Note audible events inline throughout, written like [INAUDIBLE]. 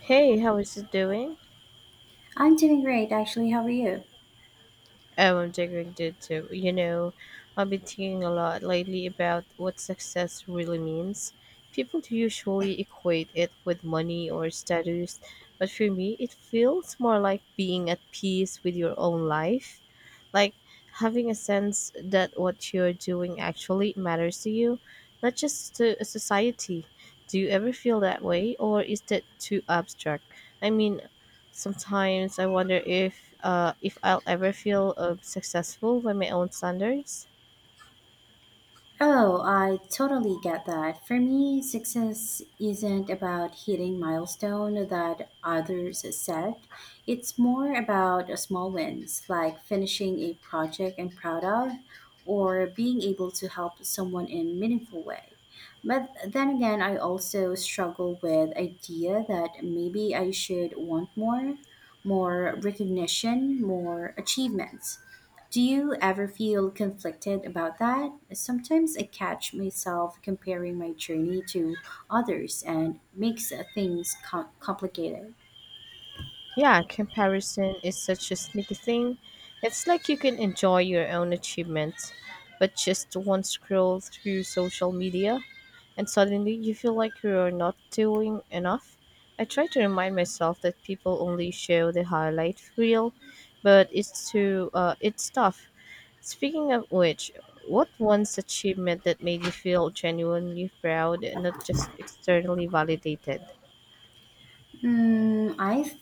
Hey, how is it doing? I'm doing great, actually. How are you? Oh, I'm doing good too. I've been thinking a lot lately about what success really means. People usually equate it with money or status, but for me, it feels more like being at peace with your own life. Like having a sense that what you're doing actually matters to you, not just to society. Do you ever feel that way, or is that too abstract? I mean, sometimes I wonder if I'll ever feel successful by my own standards. Oh, I totally get that. For me, success isn't about hitting milestone that others set. It's more about small wins, like finishing a project I'm proud of, or being able to help someone in a meaningful way. But then again, I also struggle with idea that maybe I should want more, more recognition, more achievements. Do you ever feel conflicted about that? Sometimes I catch myself comparing my journey to others and makes things complicated. Yeah, comparison is such a sneaky thing. It's like you can enjoy your own achievements, but just one scroll through social media and suddenly you feel like you're not doing enough. I try to remind myself that people only show the highlight reel, but it's tough. Speaking of which, what one's achievement that made you feel genuinely proud and not just externally validated? Mm, I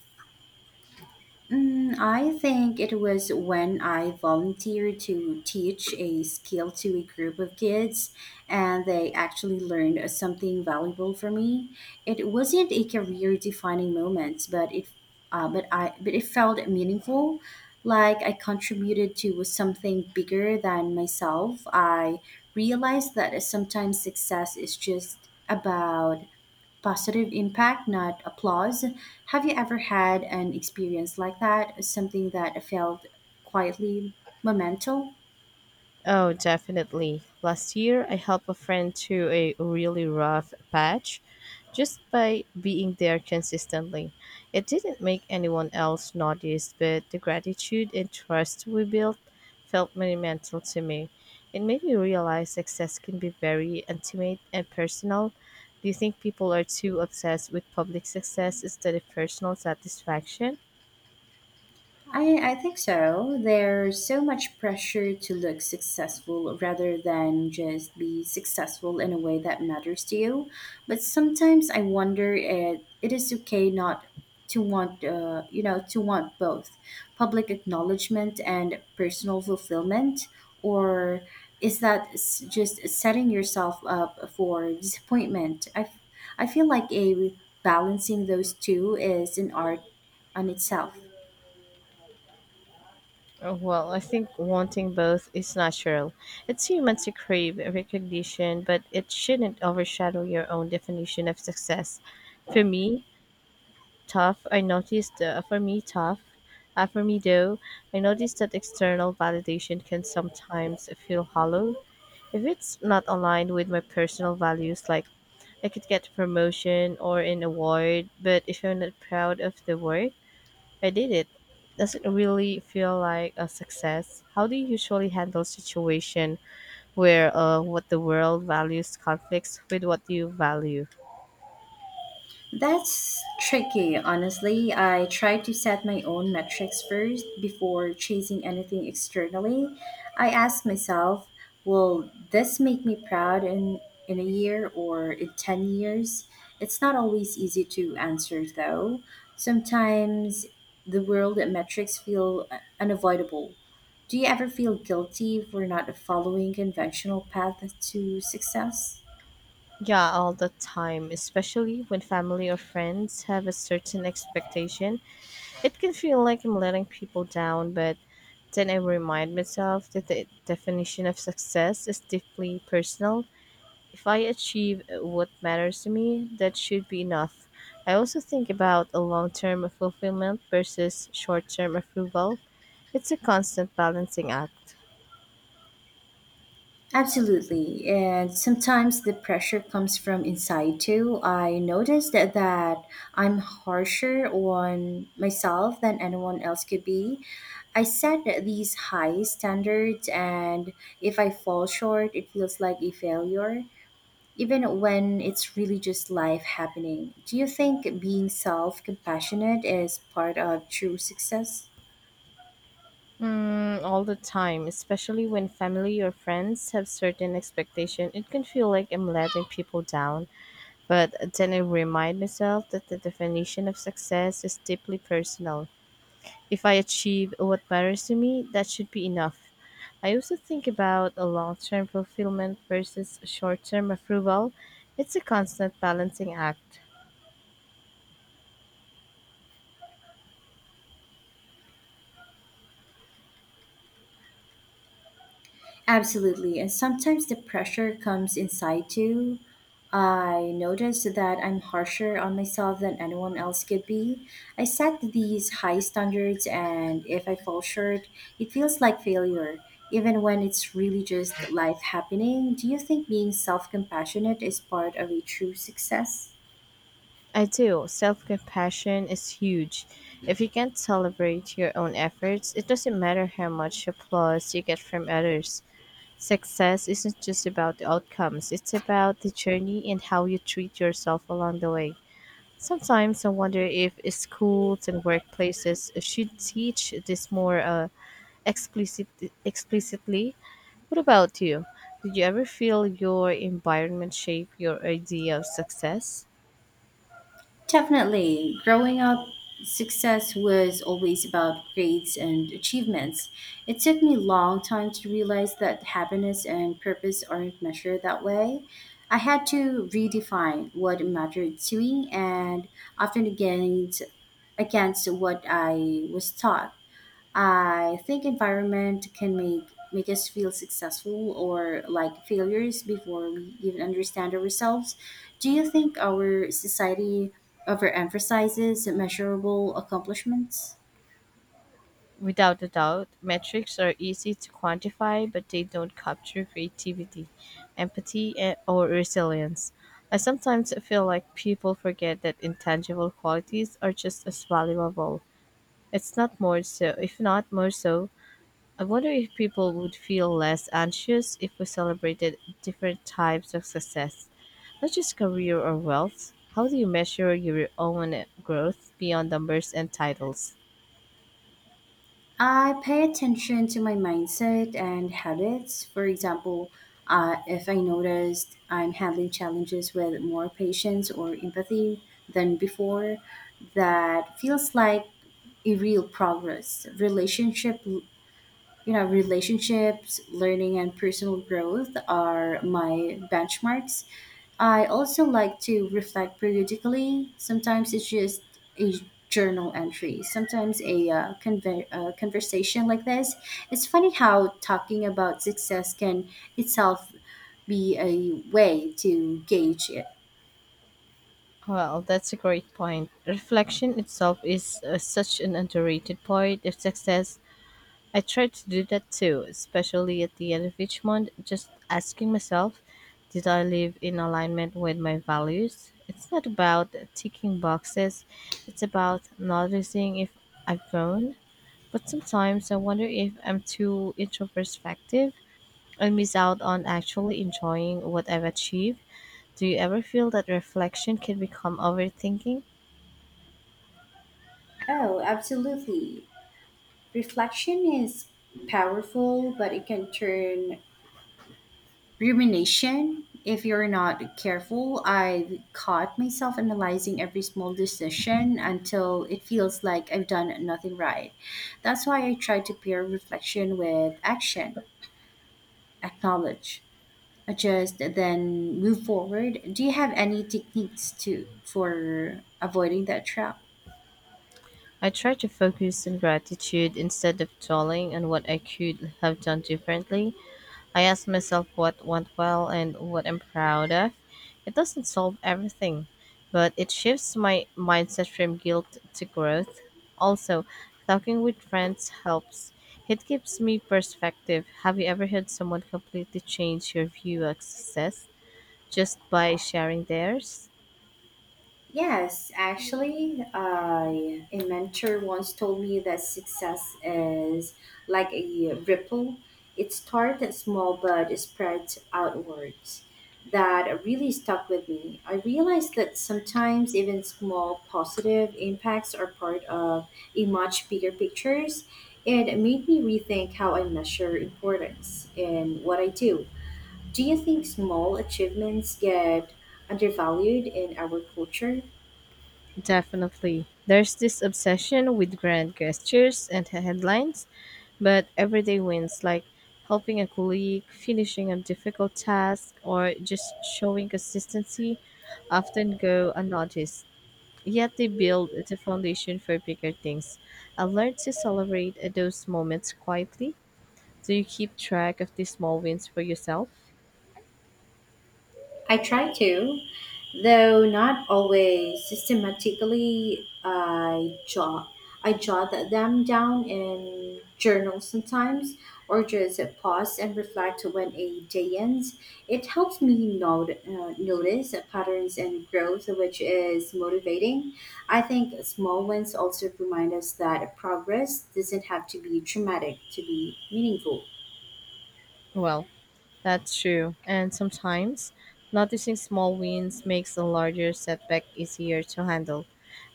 I think it was when I volunteered to teach a skill to a group of kids and they actually learned something valuable from me. It wasn't a career defining moment, but it felt meaningful, like I contributed to something bigger than myself. I realized that sometimes success is just about positive impact, not applause. Have you ever had an experience like that? Something that felt quietly momental? Oh, definitely. Last year, I helped a friend through a really rough patch just by being there consistently. It didn't make anyone else notice, but the gratitude and trust we built felt monumental to me. It made me realize success can be very intimate and personal. Do you think people are too obsessed with public success instead of personal satisfaction? I think so. There's so much pressure to look successful rather than just be successful in a way that matters to you. But sometimes I wonder it is okay not to want, to want both public acknowledgement and personal fulfillment, or is just setting yourself up for disappointment? I feel like a balancing those two is an art on itself. Well, I think wanting both is natural. It's human to crave recognition, but it shouldn't overshadow your own definition of success. For me, tough, I noticed, for me, tough, For me though, I noticed that external validation can sometimes feel hollow if it's not aligned with my personal values, like I could get a promotion or an award, but if I'm not proud of the work, I did it. Does it really feel like a success? How do you usually handle situation where what the world values conflicts with what you value? That's tricky, honestly. I try to set my own metrics first before chasing anything externally. I ask myself, will this make me proud in a year or in 10 years? It's not always easy to answer, though. Sometimes the world metrics feel unavoidable. Do you ever feel guilty for not following conventional path to success? Yeah, all the time, especially when family or friends have a certain expectation. It can feel like I'm letting people down, but then I remind myself that the definition of success is deeply personal. If I achieve what matters to me, that should be enough. I also think about a long-term fulfillment versus short-term approval. It's a constant balancing act. Absolutely. And sometimes the pressure comes from inside too. I noticed that I'm harsher on myself than anyone else could be. I set these high standards, and if I fall short, it feels like a failure, even when it's really just life happening. Do you think being self compassionate is part of true success? Mm, all the time, especially when family or friends have certain expectation, it can feel like I'm letting people down. But then I remind myself that the definition of success is deeply personal. If I achieve what matters to me, that should be enough. I also think about a long-term fulfillment versus short-term approval. It's a constant balancing act. Absolutely. And sometimes the pressure comes inside too. I notice that I'm harsher on myself than anyone else could be. I set these high standards, and if I fall short, it feels like failure, even when it's really just life happening. Do you think being self compassionate is part of a true success? I do. Self-compassion is huge. If you can't celebrate your own efforts, it doesn't matter how much applause you get from others. Success isn't just about the outcomes, it's about the journey and how you treat yourself along the way. Sometimes I wonder if schools and workplaces should teach this more explicit explicitly. What about you? Did you ever feel your environment shape your idea of success? Definitely. Growing up, success was always about grades and achievements. It took me a long time to realize that happiness and purpose aren't measured that way. I had to redefine what mattered to me and often against what I was taught. I think environment can make us feel successful or like failures before we even understand ourselves. Do you think our society overemphasizes measurable accomplishments? Without a doubt, metrics are easy to quantify, but they don't capture creativity, empathy, or resilience. I sometimes feel like people forget that intangible qualities are just as valuable. It's not more so, If not more so, I wonder if people would feel less anxious if we celebrated different types of success, not just career or wealth. How do you measure your own growth beyond numbers and titles? I pay attention to my mindset and habits. For example, if I noticed I'm handling challenges with more patience or empathy than before, that feels like a real progress. Relationship, you know, relationships learning and personal growth are my benchmarks. I also like to reflect periodically. Sometimes it's just a journal entry, sometimes a conversation like this. It's funny how talking about success can itself be a way to gauge it. Well, that's a great point. Reflection itself is such an underrated part of success. I try to do that too, especially at the end of each month, just asking myself, did I live in alignment with my values? It's not about ticking boxes, it's about noticing if I've grown. But sometimes I wonder if I'm too introspective and miss out on actually enjoying what I've achieved. Do you ever feel that reflection can become overthinking? Oh, absolutely. Reflection is powerful, but it can turn rumination if you're not careful. I've caught myself analyzing every small decision until it feels like I've done nothing right. That's why I try to pair reflection with action. Acknowledge, adjust, then move forward. Do you have any techniques to for avoiding that trap? I try to focus on gratitude instead of dwelling on what I could have done differently. I ask myself what went well and what I'm proud of. It doesn't solve everything, but it shifts my mindset from guilt to growth. Also, talking with friends helps. It gives me perspective. Have you ever heard someone completely change your view of success just by sharing theirs? Yes, actually, I a mentor once told me that success is like a ripple. It started small but it spreads outwards. That really stuck with me. I realized that sometimes even small positive impacts are part of a much bigger pictures. It made me rethink how I measure importance in what I do. Do you think small achievements get undervalued in our culture? Definitely. There's this obsession with grand gestures and headlines, but everyday wins like helping a colleague, finishing a difficult task, or just showing consistency often go unnoticed. Yet they build the foundation for bigger things. I learned to celebrate those moments quietly. Do you keep track of these small wins for yourself? I try to, though not always systematically. I jot them down in journals sometimes, or just pause and reflect when a day ends. It helps me not, notice patterns and growth, which is motivating. I think small wins also remind us that progress doesn't have to be traumatic to be meaningful. Well, that's true. And sometimes noticing small wins makes a larger setback easier to handle.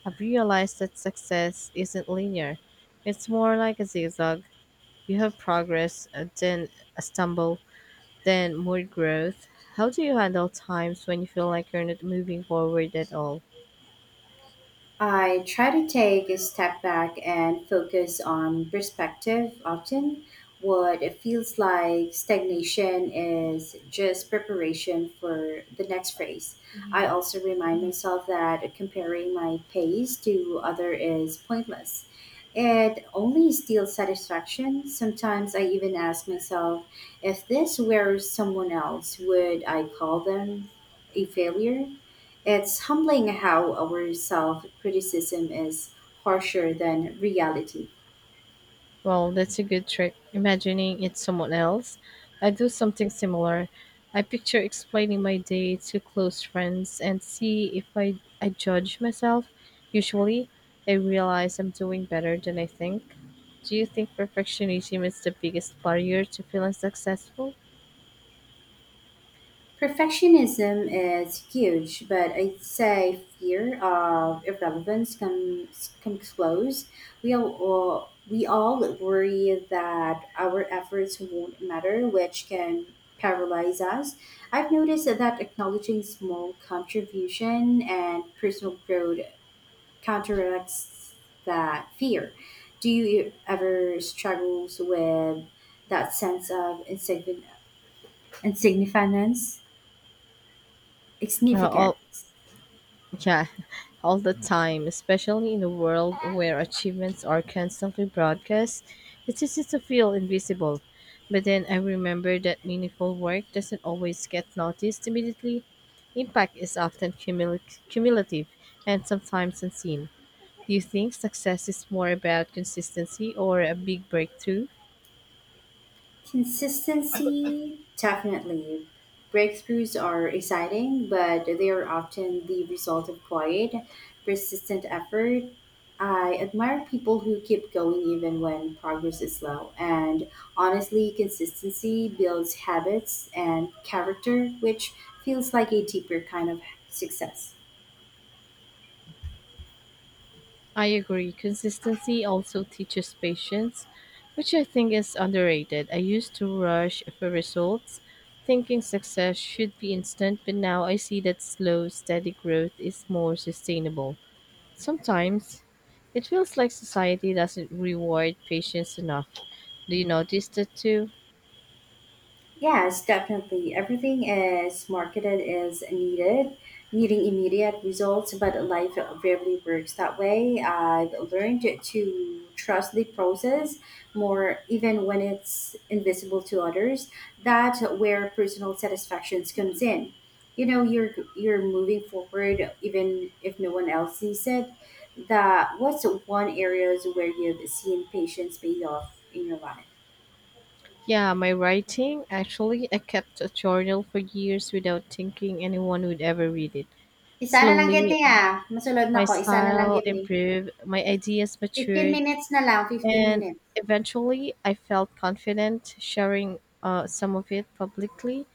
I've realized that success isn't linear, it's more like a zigzag. You have progress, then a stumble, then more growth. How do you handle times when you feel like you're not moving forward at all? I try to take a step back and focus on perspective often. What it feels like stagnation is just preparation for the next phase. I also remind myself that comparing my pace to other is pointless. It only steals satisfaction. Sometimes I even ask myself if this were someone else, would I call them a failure? It's humbling how our self criticism is harsher than reality. Well, that's a good trick. Imagining it's someone else. I do something similar. I picture explaining my day to close friends and see if I judge myself. Usually, I realize I'm doing better than I think. Do you think perfectionism is the biggest barrier to feeling successful? Perfectionism is huge, but I'd say fear of irrelevance comes close. We all worry that our efforts won't matter, which can paralyze us. I've noticed that acknowledging small contribution and personal growth counteracts that fear. Do you ever struggle with that sense of insignificance? Uh, al- Insignificance? Yeah, [LAUGHS] all the time, especially in a world where achievements are constantly broadcast, it's easy to feel invisible. But then I remember that meaningful work doesn't always get noticed immediately. Impact is often cumulative and sometimes unseen. Do you think success is more about consistency or a big breakthrough? Consistency, definitely. Breakthroughs are exciting, but they are often the result of quiet, persistent effort. I admire people who keep going even when progress is slow. And honestly, consistency builds habits and character, which feels like a deeper kind of success. I agree. Consistency also teaches patience, which I think is underrated. I used to rush for results, thinking success should be instant, but now I see that slow, steady growth is more sustainable. Sometimes it feels like society doesn't reward patience enough. Do you notice that too? Yes, definitely. Everything is marketed as needing immediate results, but life rarely works that way. I've learned to trust the process more, even when it's invisible to others. That's where personal satisfactions comes in. You know, you're moving forward, even if no one else sees it. That what's one areas where you've seen patience pay off in your life? Yeah, my writing. Actually, I kept a journal for years without thinking anyone would ever read it. Isa na lang gid Slowly, ni, ah, mosulod my nako, isa na lang style gid ni. improved, my ideas 15 matured, minutes na lang, 15 and minutes. eventually I felt confident sharing some of it publicly.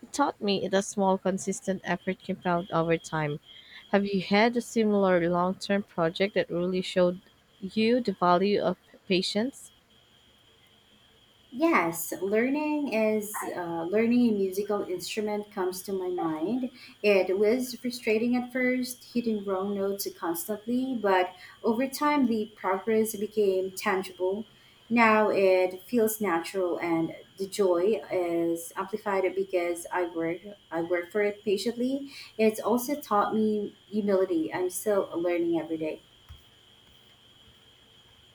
It taught me that small, consistent effort compound over time. Have you had a similar long term project that really showed you the value of patience? Yes, learning learning a musical instrument comes to my mind. It was frustrating at first, hitting wrong notes constantly, but over time the progress became tangible. Now it feels natural and the joy is amplified because I work for it patiently. It's also taught me humility. I'm still learning every day.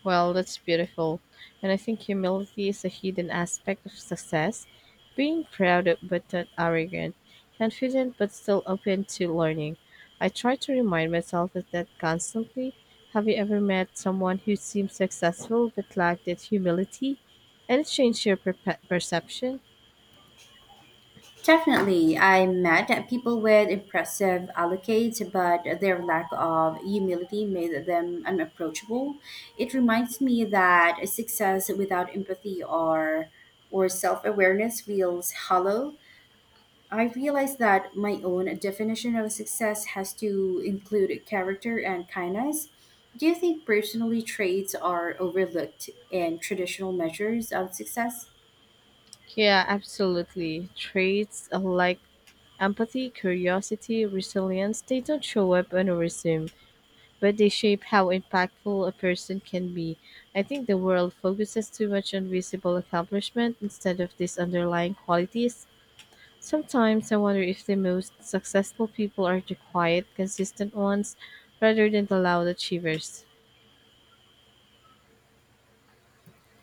Well, that's beautiful. And I think humility is a hidden aspect of success being but not arrogant, confident but still open to learning. I try to remind myself of that constantly. Have you ever met someone who seemed successful but lacked that humility? And it changed your perception? Definitely, I met people with impressive allocates, but their lack of humility made them unapproachable. It reminds me that success without empathy or self-awareness feels hollow. I realize that my own definition of success has to include character and kindness. Do you think personally traits are overlooked in traditional measures of success? Yeah, absolutely. Traits like empathy, curiosity, resilience, they don't show up on a resume, but they shape how impactful a person can be. I think the world focuses too much on visible accomplishment instead of these underlying qualities. Sometimes I wonder if the most successful people are the quiet, consistent ones rather than the loud achievers.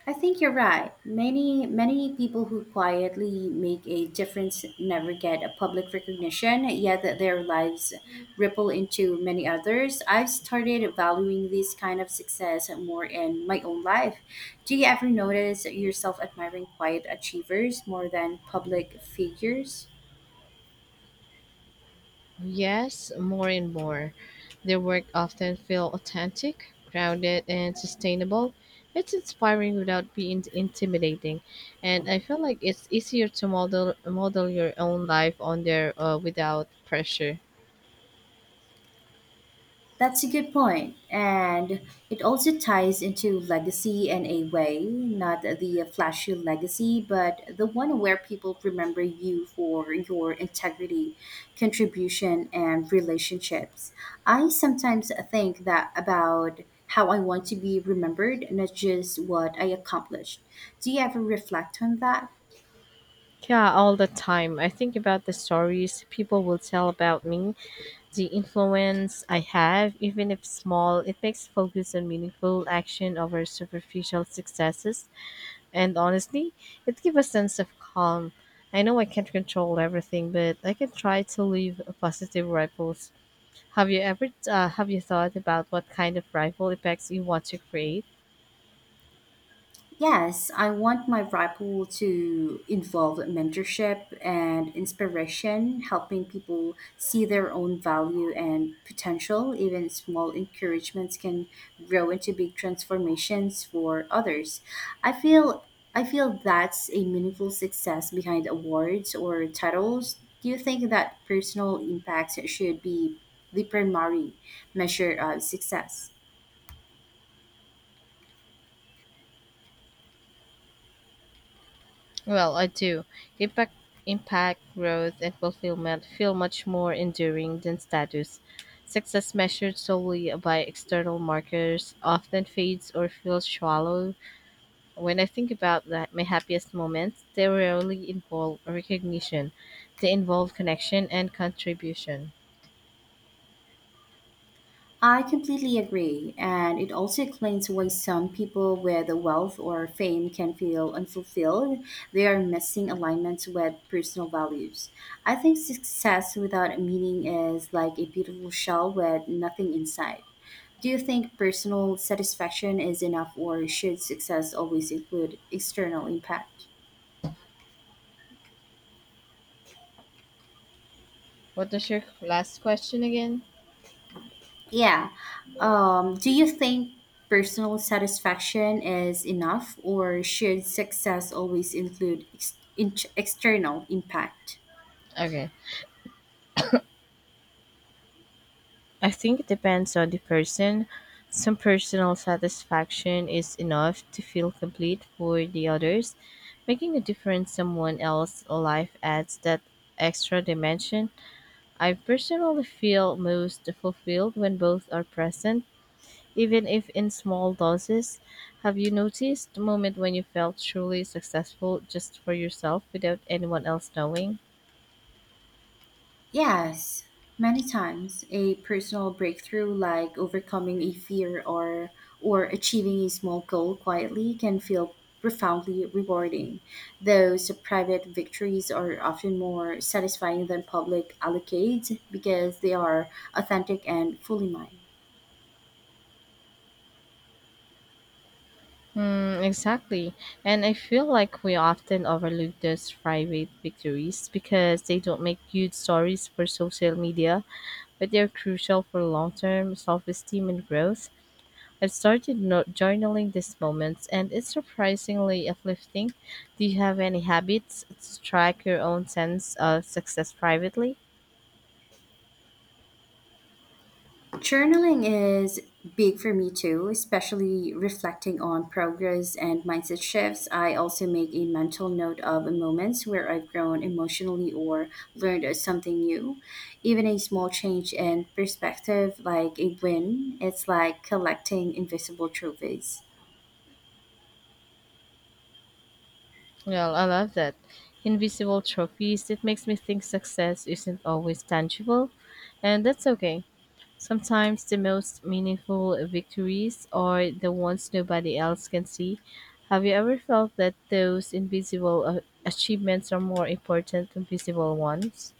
I think you're right. Many people who quietly make a difference never get a public recognition, yet their lives ripple into many others. I've started valuing this kind of success more in my own life. Do you ever notice yourself admiring quiet achievers more than public figures? Yes, more and more. Their work often feel authentic, grounded, and sustainable. It's inspiring without being intimidating, and I feel like it's easier to model your own life on there without pressure. That's a good point, and it also ties into legacy in a way, not the flashy legacy, but the one where people remember you for your integrity, contribution, and relationships. I sometimes think that about how I want to be remembered, not just what I accomplished. Do you ever reflect on that? Yeah, all the time. I think about the stories people will tell about me, the influence I have, even if small. It makes focus on meaningful action over superficial successes. And honestly, it gives a sense of calm. I know I can't control everything, but I can try to leave a positive ripples. Have you thought about what kind of ripple effects you want to create? Yes, I want my ripple to involve mentorship and inspiration, helping people see their own value and potential. Even small encouragements can grow into big transformations for others. I feel I feel that's a meaningful success behind awards or titles. Do you think that personal impact should be the primary measure of success? Well, I do. Impact, impact, growth, and fulfillment feel much more enduring than status. Success measured solely by external markers often fades or feels shallow. When I think about that, my happiest moments, they rarely involve recognition. They involve connection and contribution. I completely agree, and it also explains why some people with wealth or fame can feel unfulfilled. They are missing alignment with personal values. I think success without meaning is like a beautiful shell with nothing inside. Do you think personal satisfaction is enough, or should success always include external impact? What was your last question again? Yeah. Do you think personal satisfaction is enough, or should success always include external impact? Okay. I think it depends on the person. Some personal satisfaction is enough to feel complete for the others. Making a difference someone else's life adds that extra dimension. I personally feel most fulfilled when both are present even if in small doses. Have you noticed the moment when you felt truly successful just for yourself without anyone else knowing? Yes. Many times, a personal breakthrough like overcoming a fear or achieving a small goal quietly can feel profoundly rewarding. Those private victories are often more satisfying than public accolades because they are authentic and fully mine. Hmm, exactly. And I feel like we often overlook those private victories because they don't make huge stories for social media, but they're crucial for long term self esteem and growth. I've started journaling these moments, and it's surprisingly uplifting. Do you have any habits to track your own sense of success privately? Journaling is big for me too, especially reflecting on progress and mindset shifts. I also make a mental note of moments where I've grown emotionally or learned something new. Even a small change in perspective, like a win, it's like collecting invisible trophies. Well, I love that. Invisible trophies, it makes me think success isn't always tangible, and that's okay. Sometimes the most meaningful victories are the ones nobody else can see. Have you ever felt that those invisible achievements are more important than visible ones?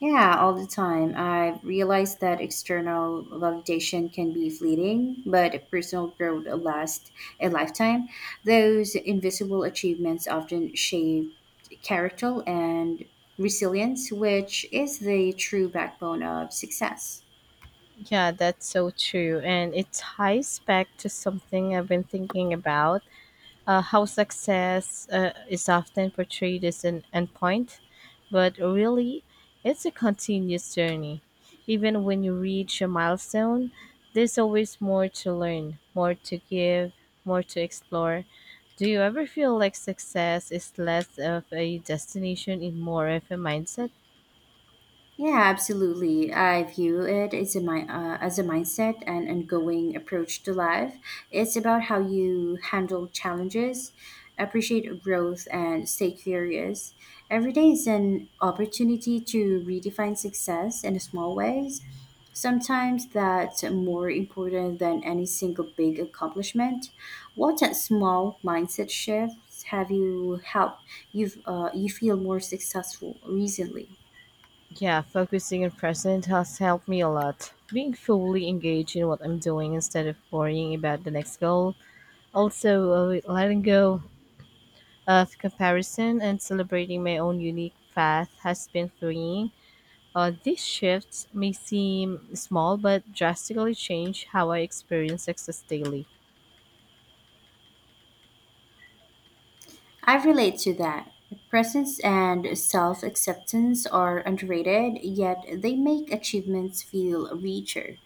Yeah, all the time. I've realized that external validation can be fleeting, but personal growth lasts a lifetime. Those invisible achievements often shape character and resilience, which is the true backbone of success. Yeah, that's so true. And it ties back to something I've been thinking about. How success is often portrayed as an endpoint, but really, it's a continuous journey. Even when you reach a milestone, there's always more to learn, more to give, more to explore. Do you ever feel like success is less of a destination and more of a mindset? Yeah, absolutely. I view it as a as a mindset and ongoing approach to life. It's about how you handle challenges, appreciate growth, and stay curious. Every day is an opportunity to redefine success in small ways. Sometimes that's more important than any single big accomplishment. What small mindset shifts have you helped you you feel more successful recently? Yeah, focusing on present has helped me a lot. Being fully engaged in what I'm doing instead of worrying about the next goal. Also, letting go of comparison and celebrating my own unique path has been freeing. These shifts may seem small, but drastically change how I experience success daily. I relate to that. Presence and self acceptance are underrated, yet they make achievements feel richer.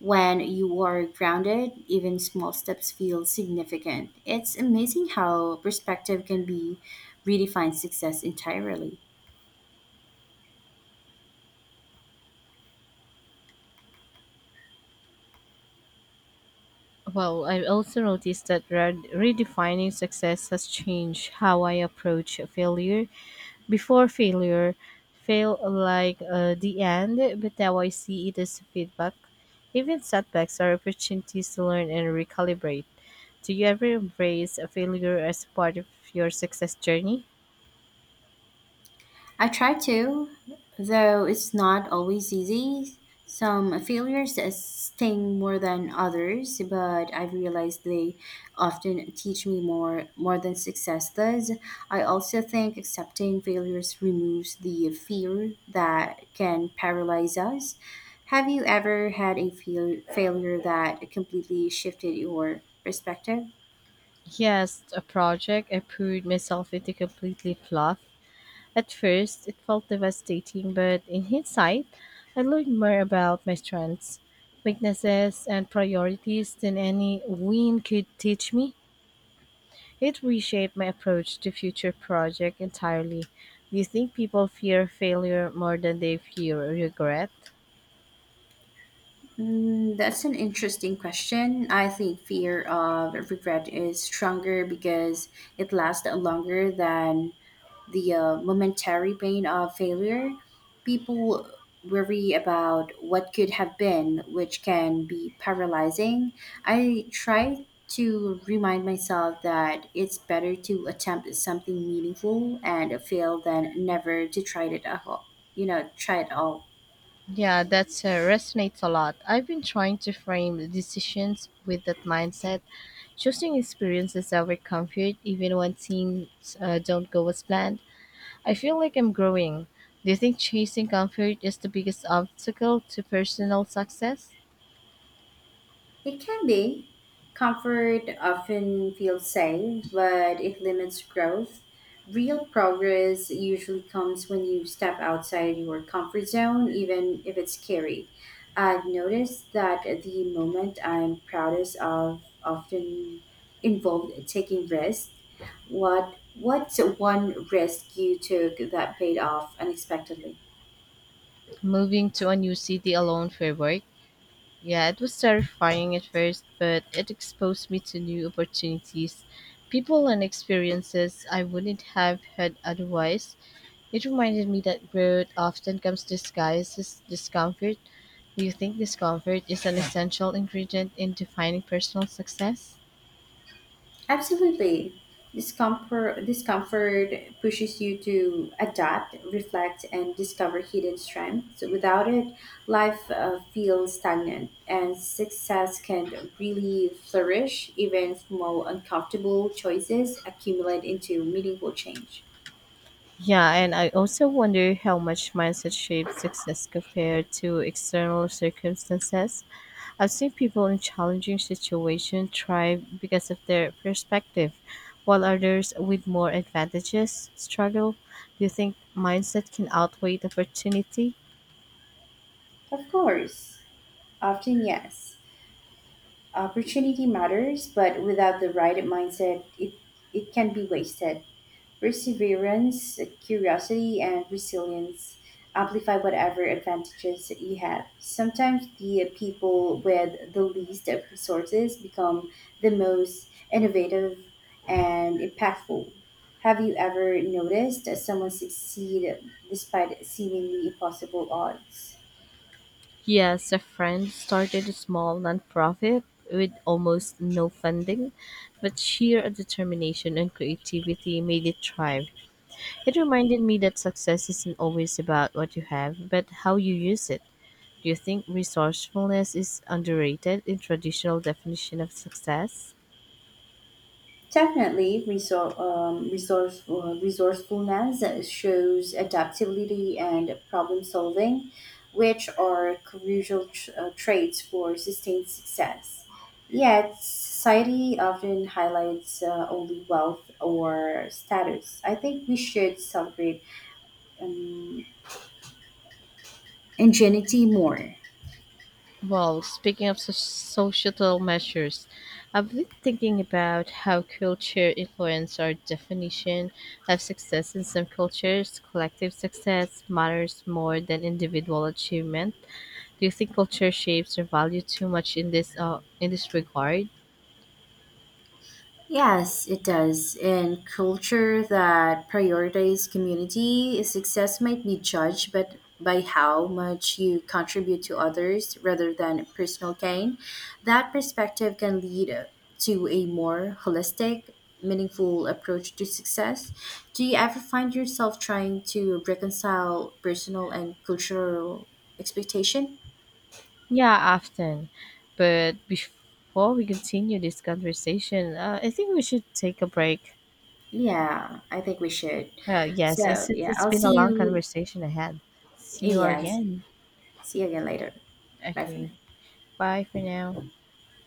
When you are grounded, even small steps feel significant. It's amazing how perspective can be redefine success entirely. Well, I've also noticed that redefining success has changed how I approach failure. Before failure, felt like the end, but now I see it as feedback. Even setbacks are opportunities to learn and recalibrate. Do you ever embrace a failure as part of your success journey? I try to, though it's not always easy. Some failures sting more than others, but I've realized they often teach me more than success does. I also think accepting failures removes the fear that can paralyze us. Have you ever had a failure that completely shifted your perspective? Yes, a project I proved myself into completely fluff. At first, it felt devastating, but in hindsight, I learned more about my strengths, weaknesses, and priorities than any win could teach me. It reshaped my approach to future projects entirely. Do you think people fear failure more than they fear regret? Mm, that's an interesting question. I think fear of regret is stronger because it lasts longer than the momentary pain of failure. People worry about what could have been, which can be paralyzing. I try to remind myself that it's better to attempt something meaningful and fail than never to try it at all. You know, try it all. Yeah, that resonates a lot. I've been trying to frame the decisions with that mindset, choosing experiences over comfort, even when things don't go as planned. I feel like I'm growing. Do you think chasing comfort is the biggest obstacle to personal success? It can be. Comfort often feels safe, but it limits growth. Real progress usually comes when you step outside your comfort zone, even if it's scary. I've noticed that the moment I'm proudest of often involved taking risks. What's one risk you took that paid off unexpectedly? Moving to a new city alone for work? Yeah, it was terrifying at first, but it exposed me to new opportunities, people, and experiences I wouldn't have had otherwise. It reminded me that growth often comes disguised as discomfort. Do you think discomfort is an essential ingredient in defining personal success? Absolutely. Discomfort pushes you to adapt, reflect, and discover hidden strengths. So without it, life feels stagnant, and success can really flourish. Even small, uncomfortable choices accumulate into meaningful change. Yeah, and I also wonder how much mindset shapes success compared to external circumstances. I've seen people in challenging situations thrive because of their perspective, while others with more advantages struggle. Do you think mindset can outweigh the opportunity? Of course, often yes. Opportunity matters, but without the right mindset, it can be wasted. Perseverance, curiosity, and resilience amplify whatever advantages that you have. Sometimes the people with the least of resources become the most innovative and impactful. Have you ever noticed that someone succeed despite seemingly impossible odds? Yes, a friend started a small nonprofit with almost no funding, but sheer determination and creativity made it thrive. It reminded me that success isn't always about what you have, but how you use it. Do you think resourcefulness is underrated in traditional definition of success? Definitely, resourcefulness shows adaptability and problem solving, which are crucial traits for sustained success. Yet, society often highlights only wealth or status. I think we should celebrate um, ingenuity more. Well, speaking of societal measures, I've been thinking about how culture influence our definition of success. In some cultures, collective success matters more than individual achievement. Do you think culture shapes our value too much in this regard? Yes, it does. In culture that prioritizes community, success might be judged but by how much you contribute to others rather than personal gain. That perspective can lead to a more holistic, meaningful approach to success. Do you ever find yourself trying to reconcile personal and cultural expectation? Yeah, often. But before we continue this conversation, I think we should take a break. Yeah, I think we should. Yes, So, it's, it's yeah, it's I'll been a see long you. conversation ahead. See you Yes. again. See you again later. Bye for Okay, now. bye for now.